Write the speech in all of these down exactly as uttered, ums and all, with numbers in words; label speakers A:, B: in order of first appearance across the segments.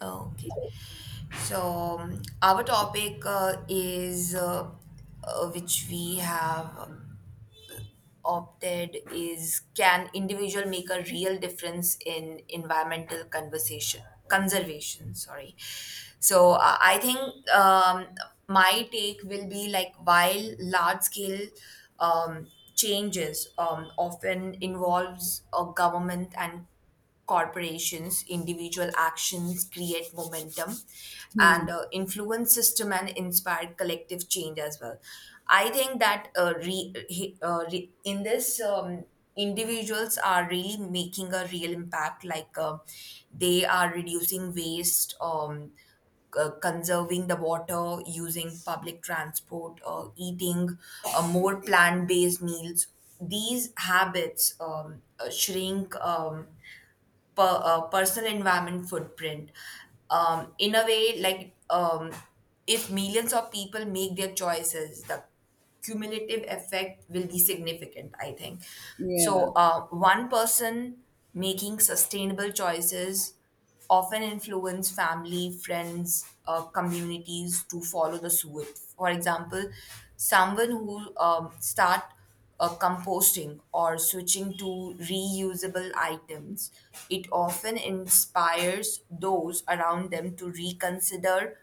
A: Okay. So um, our topic uh, is uh, uh, which we have opted is can individual make a real difference in environmental conversation conservation, sorry. So uh, I think um, my take will be like while large scale um, changes um, often involves a government and corporations' individual actions create momentum
B: Hmm.
A: and uh, influence system and inspire collective change as well. I think that uh, re, he- uh, re, in this, um, individuals are really making a real impact, like uh, they are reducing waste. Um, uh, conserving the water, using public transport, uh, eating uh, more plant based meals. These habits um, uh, shrink Um, per, uh, personal environment footprint um, in a way like, um, if millions of people make their choices, the cumulative effect will be significant, I think.
B: Yeah.
A: So uh, one person making sustainable choices often influence family, friends, uh, communities to follow the suit. For example, someone who um, start uh, composting or switching to reusable items, it often inspires those around them to reconsider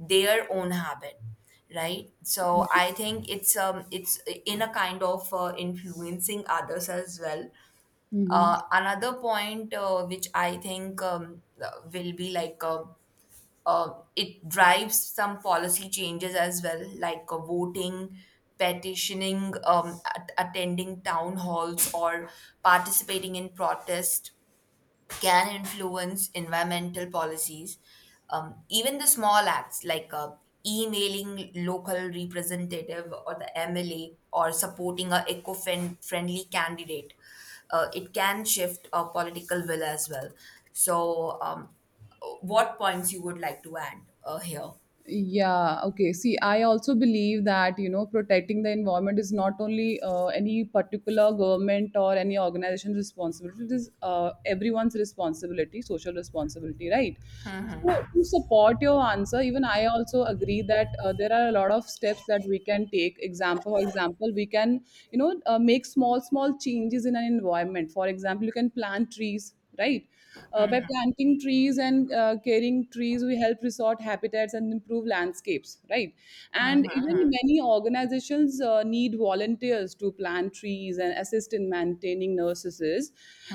A: their own habit, right? So
B: Yeah.
A: I think it's um it's in a kind of uh, influencing others as well.
B: hmm
A: Uh, another point uh, which I think um, uh, will be like, uh, uh, it drives some policy changes as well, like uh, voting, petitioning, um, at- attending town halls, or participating in protests can influence environmental policies. Um, even the small acts like uh, emailing local representative or the M L A or supporting a eco-friendly candidate, uh, it can shift a political will as well. So, um, what points you would like to add uh, here?
B: Yeah, okay. See, I also believe that, you know, protecting the environment is not only uh, any particular government or any organization's responsibility. It is uh, everyone's responsibility, social responsibility, right? So, to support your answer, even I also agree that uh, there are a lot of steps that we can take. Example, for example, we can, you know, uh, make small, small changes in an environment. For example, you can plant trees, right? Uh, by planting trees and uh, caring trees, we help restore habitats and improve landscapes, right? And even many organizations uh, need volunteers to plant trees and assist in maintaining nurseries.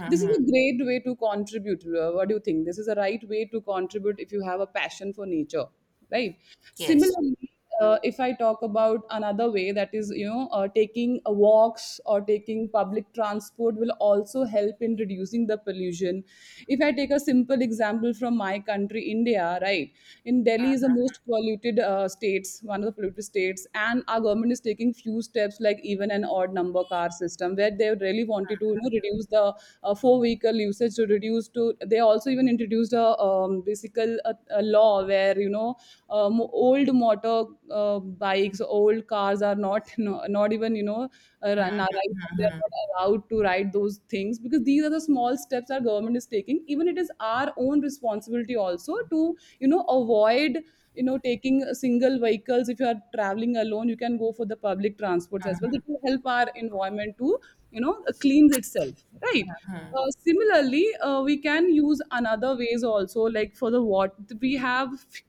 B: This is a great way to contribute. Uh, what do you think? This is a right way to contribute if you have a passion for nature, right?
A: Yes.
B: Similarly, uh, if I talk about another way, that is, you know, uh, taking uh, walks or taking public transport will also help in reducing the pollution. If I take a simple example from my country, India, right, in Delhi is the most polluted uh, states, one of the polluted states, and our government is taking few steps like even an odd number car system, where they really wanted to, you know, reduce the uh, four vehicle usage to reduce to. They also even introduced introduced a um, basical a, a law where, you know, um, old motor uh, bikes, old cars are not no, not even, you know, uh, ra- na- right now they are not allowed to ride those things, because these are the small steps our government is taking. Even it is our own responsibility also to, you know, avoid, you know, taking single vehicles. If you are traveling alone, you can go for the public transports as well. That will help our environment to, you know, cleanse itself, right? Uh, similarly, uh, we can use another ways also, like for the water, we have f-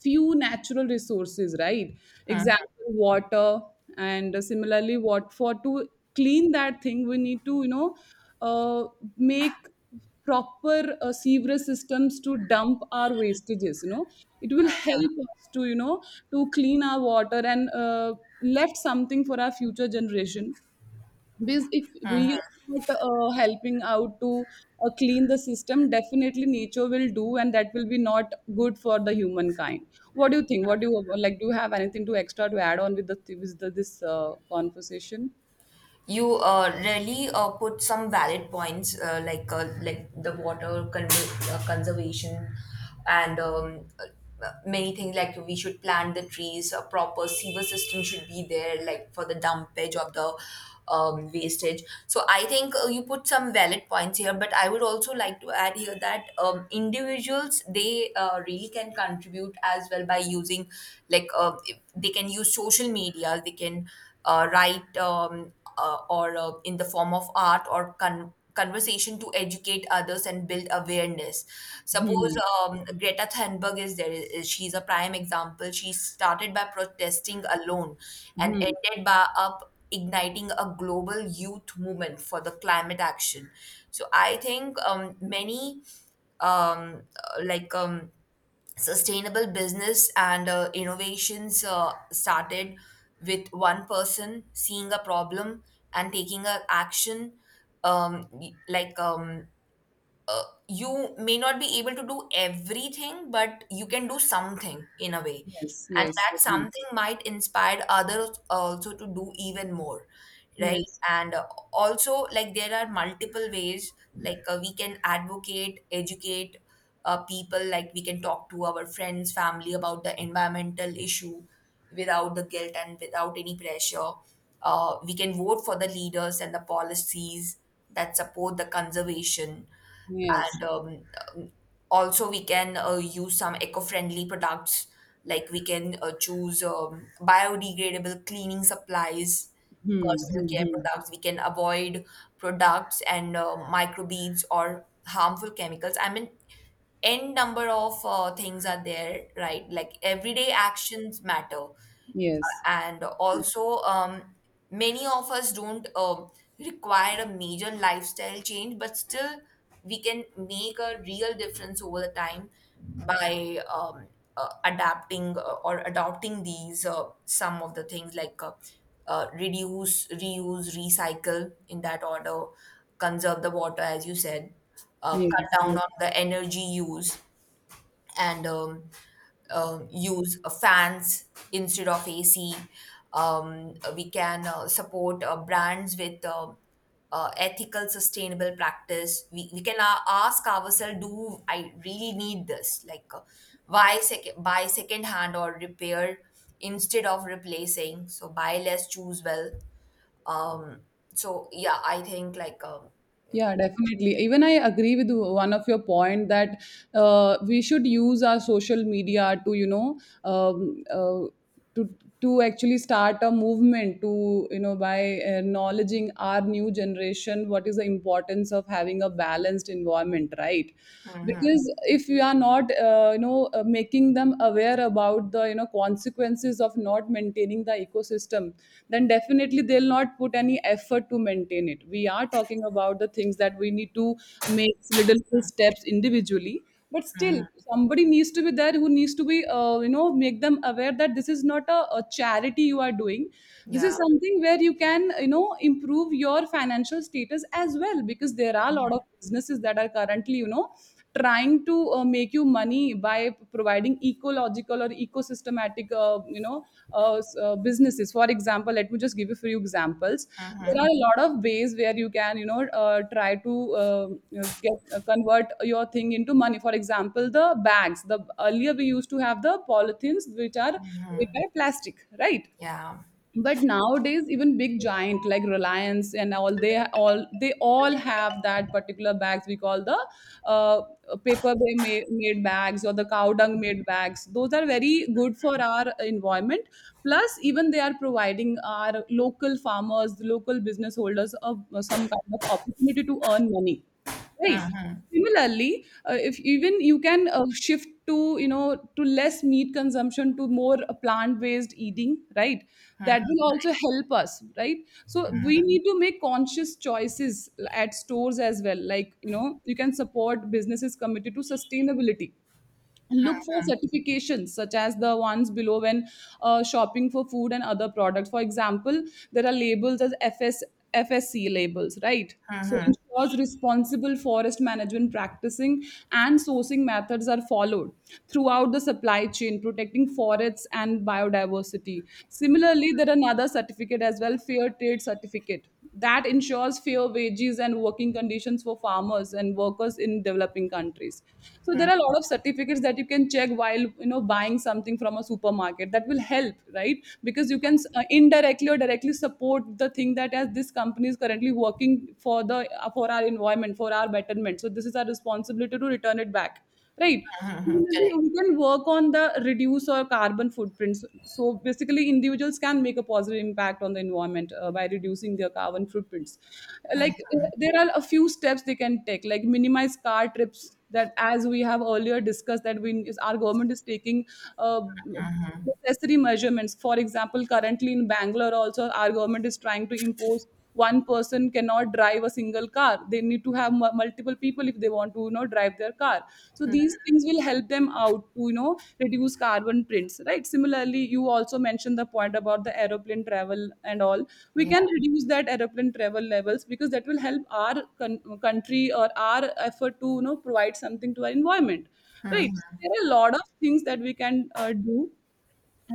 B: few natural resources, right? Example, water, and uh, similarly, what for to clean that thing, we need to, you know, uh, make proper uh, sewer systems to dump our wastages. You know, it will help us to, you know, to clean our water and uh, left something for our future generation, because if we are not uh, helping out to uh, clean the system, definitely nature will do, and that will be not good for the humankind. What do you think? What do you like? Do you have anything to extra to add on with the with the, this uh, conversation?
A: You uh, really uh, put some valid points uh, like uh, like the water con- uh, conservation and um, uh, many things like we should plant the trees. A proper sewer system should be there, like for the dumpage of the um, wastage. So I think uh, you put some valid points here, but I would also like to add here that um, individuals they uh, really can contribute as well by using, like uh, if they can use social media, they can uh, write um, uh, or uh, in the form of art or con- conversation to educate others and build awareness. Suppose
B: Hmm.
A: um, Greta Thunberg is there, i- she's a prime example. She started by protesting alone and
B: Hmm.
A: ended by up igniting a global youth movement for the climate action. So I think um, many um, uh, like um, sustainable business and uh, innovations uh, started with one person seeing a problem and taking a action. um, y- like um, uh, you may not be able to do everything but you can do something in a way,
B: Yes,
A: and
B: yes,
A: that
B: definitely.
A: something might inspire others also to do even more, right?
B: Yes,
A: And uh, also like there are multiple ways, like uh, we can advocate, educate uh, people, like we can talk to our friends family about the environmental issue without the guilt and without any pressure. Uh, we can vote for the leaders and the policies that support the conservation.
B: yes.
A: And um, also we can uh, use some eco-friendly products, like we can uh, choose um, biodegradable cleaning supplies,
B: Hmm.
A: personal
B: Hmm.
A: care
B: Hmm.
A: products. We can avoid products and uh, microbeads or harmful chemicals. I mean, n number of uh, things are there, right? Like everyday actions matter.
B: Yes,
A: And also, um, many of us don't um, require a major lifestyle change but still we can make a real difference over the time by um, uh, adapting uh, or adopting these uh, some of the things like, uh, uh, reduce reuse recycle in that order, conserve the water as you said, uh,
B: yes,
A: cut down
B: yes.
A: on the energy use, and um, um, use uh, fans instead of A C. Um, we can uh, support uh, brands with uh, uh, ethical, sustainable practice. We, we can a- ask ourselves, do I really need this? Like, uh, why sec- buy second hand or repair instead of replacing? So, buy less, choose well. Um, so, yeah, I think like, um,
B: Yeah, definitely. Even I agree with one of your point that uh, we should use our social media to, you know, um, uh, to to actually start a movement to, you know, by acknowledging our new generation, what is the importance of having a balanced environment, right?
A: mhm,
B: Because if we are not, uh, you know, uh, making them aware about the, you know, consequences consequences of not maintaining the ecosystem, then definitely they'll not put any effort to maintain it. We are talking about the things that we need to make little steps individually, but still
A: mhm,
B: somebody needs to be there who needs to be, uh, you know, make them aware that this is not a, a charity you are doing. This
A: yeah,
B: is something where you can, you know, improve your financial status as well, because there are a lot of businesses that are currently, you know, trying to uh, make you money by providing ecological or ecosystematic uh, you know uh, s- uh, businesses. For example, let me just give you a few examples. There are a lot of ways where you can, you know, uh, try to uh, you know, get uh, convert your thing into money. For example, the bags, the earlier we used to have the polythenes, which are made by plastic, right?
A: yeah,
B: But nowadays, even big giant like Reliance and all, they all they all have that particular bags. We call the uh, paper bay ma- made bags or the cow dung made bags. Those are very good for our environment, plus even they are providing our local farmers, the local business holders, of some kind of opportunity to earn money. Right. Similarly, uh, if even you can uh, shift to, you know, to less meat consumption to more uh, plant-based eating, right? That will also help us, right? So we need to make conscious choices at stores as well. Like, you know, you can support businesses committed to sustainability. Look for certifications such as the ones below when uh, shopping for food and other products. For example, there are labels as fs FSC labels, right? So ensures responsible forest management practicing and sourcing methods are followed throughout the supply chain, protecting forests and biodiversity. Similarly, there are another certificate as well, fair trade certificate, that ensures fair wages and working conditions for farmers and workers in developing countries. So there are a lot of certificates that you can check while, you know, buying something from a supermarket. That will help, right? Because you can uh, indirectly or directly support the thing that, as this company is currently working for the uh, for our environment, for our betterment, so this is our responsibility to return it back, right?
A: correct.
B: Similarly, we can work on the reduce our carbon footprints. So basically, individuals can make a positive impact on the environment uh, by reducing their carbon footprints. Uh, Like, uh, there are a few steps they can take, like minimize car trips. That, as we have earlier discussed, that we is our government is taking. Uh, necessary measurements. For example, currently in Bangalore, also our government is trying to impose one person cannot drive a single car. They need to have mu- multiple people if they want to, you know, drive their car. So these things will help them out to, you know, reduce carbon prints, right? Similarly, you also mentioned the point about the aeroplane travel and all. We
A: Yeah,
B: can reduce that aeroplane travel levels, because that will help our con- country or our effort to, you know, provide something to our environment, right? So there are a lot of things that we can uh, do,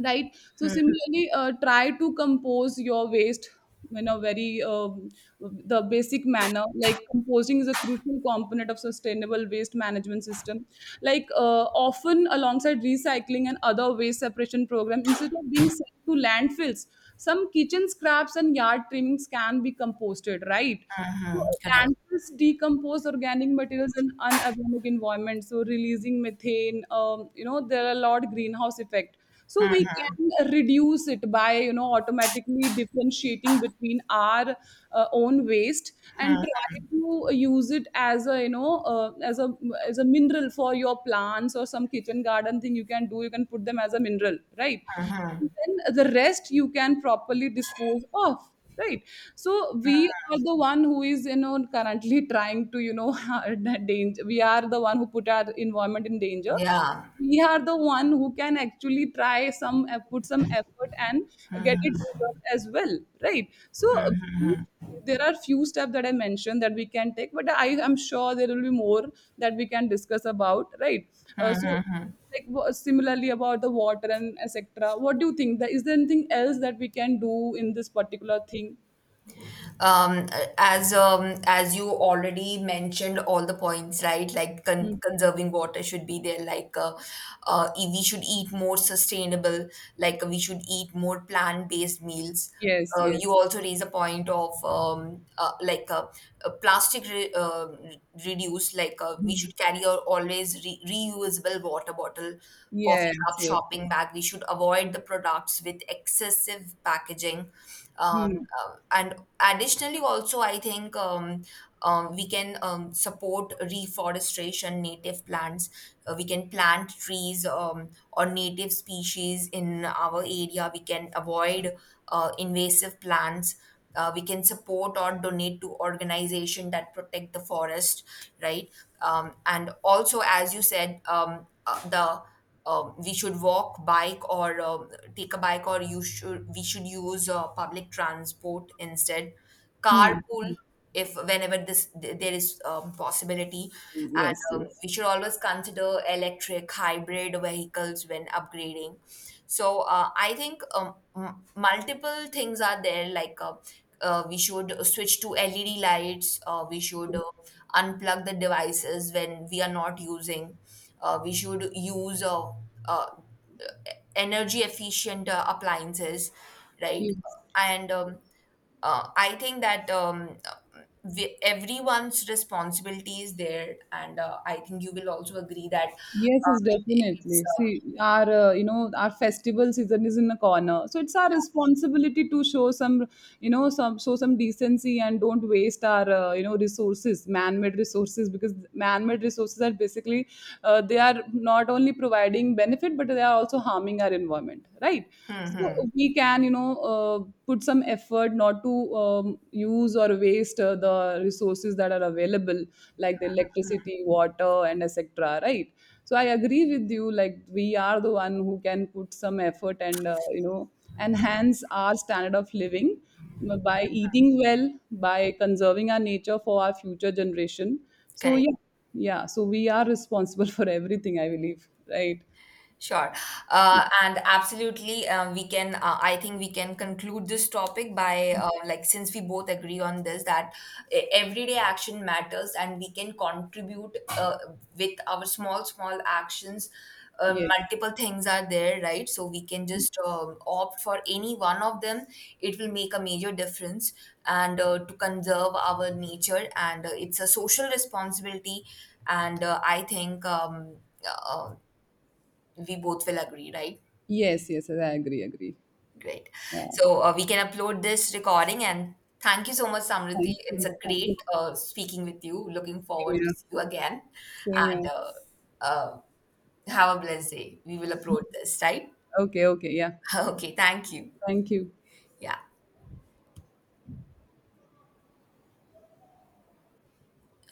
B: right? So similarly, uh, try to compose your waste in a very um, the basic manner. Like composing is a crucial component of sustainable waste management system, like, uh, often alongside recycling and other waste separation program. Instead of being sent to landfills, some kitchen scraps and yard trimmings can be composted, right? So
A: mhm, correct.
B: landfills decompose organic materials in unorganic environment, so releasing methane. Um, you know, there are a lot greenhouse effect. So we can reduce it by, you know, automatically differentiating between our uh, own waste, and try to use it as a, you know, uh, as a as a mineral for your plants, or some kitchen garden thing you can do. You can put them as a mineral, right? And then the rest you can properly dispose of, right? So we are the one who is, you know, currently trying to, you know, danger. We are the one who put our environment in danger.
A: Yeah.
B: We are the one who can actually try some, uh, put some effort and get it resolved as well, right? So uh, we- there are few steps that I mentioned that we can take, but I am sure there will be more that we can discuss about, right? uh, so like wha- similarly about the water and etc., what do you think, that is, there anything else that we can do in this particular thing?
A: um, as um, as you already mentioned all the points, right? Like con-
B: Hmm.
A: conserving water should be there, like uh, uh, e- we should eat more sustainable, like we should eat more plant-based meals.
B: Yes,
A: Uh, you
B: yes.
A: also raise a point of um, uh, like uh, uh, plastic re- uh, re- reduce, like uh, we
B: Hmm.
A: should carry our always re- reusable water bottle, coffee
B: Yes,
A: cup,
B: yes, yes.
A: shopping bag. We should avoid the products with excessive packaging. um,
B: Hmm.
A: uh, and additionally also I think um, um, we can um, support reforestation, native plants. Uh, we can plant trees um, or native species in our area. We can avoid uh, invasive plants. Uh, we can support or donate to organization that protect the forest, right? Um, and also as you said, um, uh, the uh, we should walk, bike, or uh, take a bike, or you should we should use uh, public transport instead.
B: Hmm. Hmm.
A: Carpool, if whenever this th- there is um, possibility,
B: Yes,
A: and um,
B: yes,
A: we should always consider electric hybrid vehicles when upgrading. So uh, I think um, m- multiple things are there, like. Uh, uh, we should switch to L E D lights. Uh, we should uh, unplug the devices when we are not using. Uh, we should use uh, uh, energy efficient uh, appliances, right?
B: yes.
A: And um, uh, I think that um, we, everyone's responsibility is there, and uh, I think you will also agree that
B: Yes,
A: um,
B: yes,
A: it's
B: definitely.
A: um,
B: See, our uh, you know, our festival season is in a corner, so it's our responsibility to show some, you know, some, show some decency, and don't waste our uh, you know, resources, man-made resources, because man-made resources are basically uh, they are not only providing benefit, but they are also harming our environment, right? So we can, you know, uh, put some effort not to um, use or waste uh, the resources that are available, like the electricity, water, and et cetera. Right? So I agree with you. Like, we are the one who can put some effort, and uh, you know, enhance our standard of living by eating well, by conserving our nature for our future generation. So
A: correct.
B: yeah, yeah. So we are responsible for everything, I believe. Right?
A: Sure. Uh, and absolutely, um, we can, uh, I think we can conclude this topic by, uh, like, since we both agree on this, that e- everyday action matters and we can contribute uh, with our small, small actions. Uh,
B: Yes.
A: multiple things are there, right? So we can just um opt for any one of them. It will make a major difference and uh, to conserve our nature. And uh, it's a social responsibility. And uh, I think um, uh, we both will agree, right?
B: Yes. Yes. Yes, I agree. Agree.
A: Great.
B: Yeah.
A: So uh, we can upload this recording, and thank you so much, Samriti.
B: Thank
A: It's
B: you.
A: a
B: Thank you.
A: great uh, speaking with you. Looking
B: Same
A: forward to
B: here.
A: see you again,
B: Same
A: and
B: here.
A: uh, uh, have a blessed day. We will upload this, right?
B: Okay, okay, yeah.
A: Okay, thank you.
B: Thank you.
A: Yeah.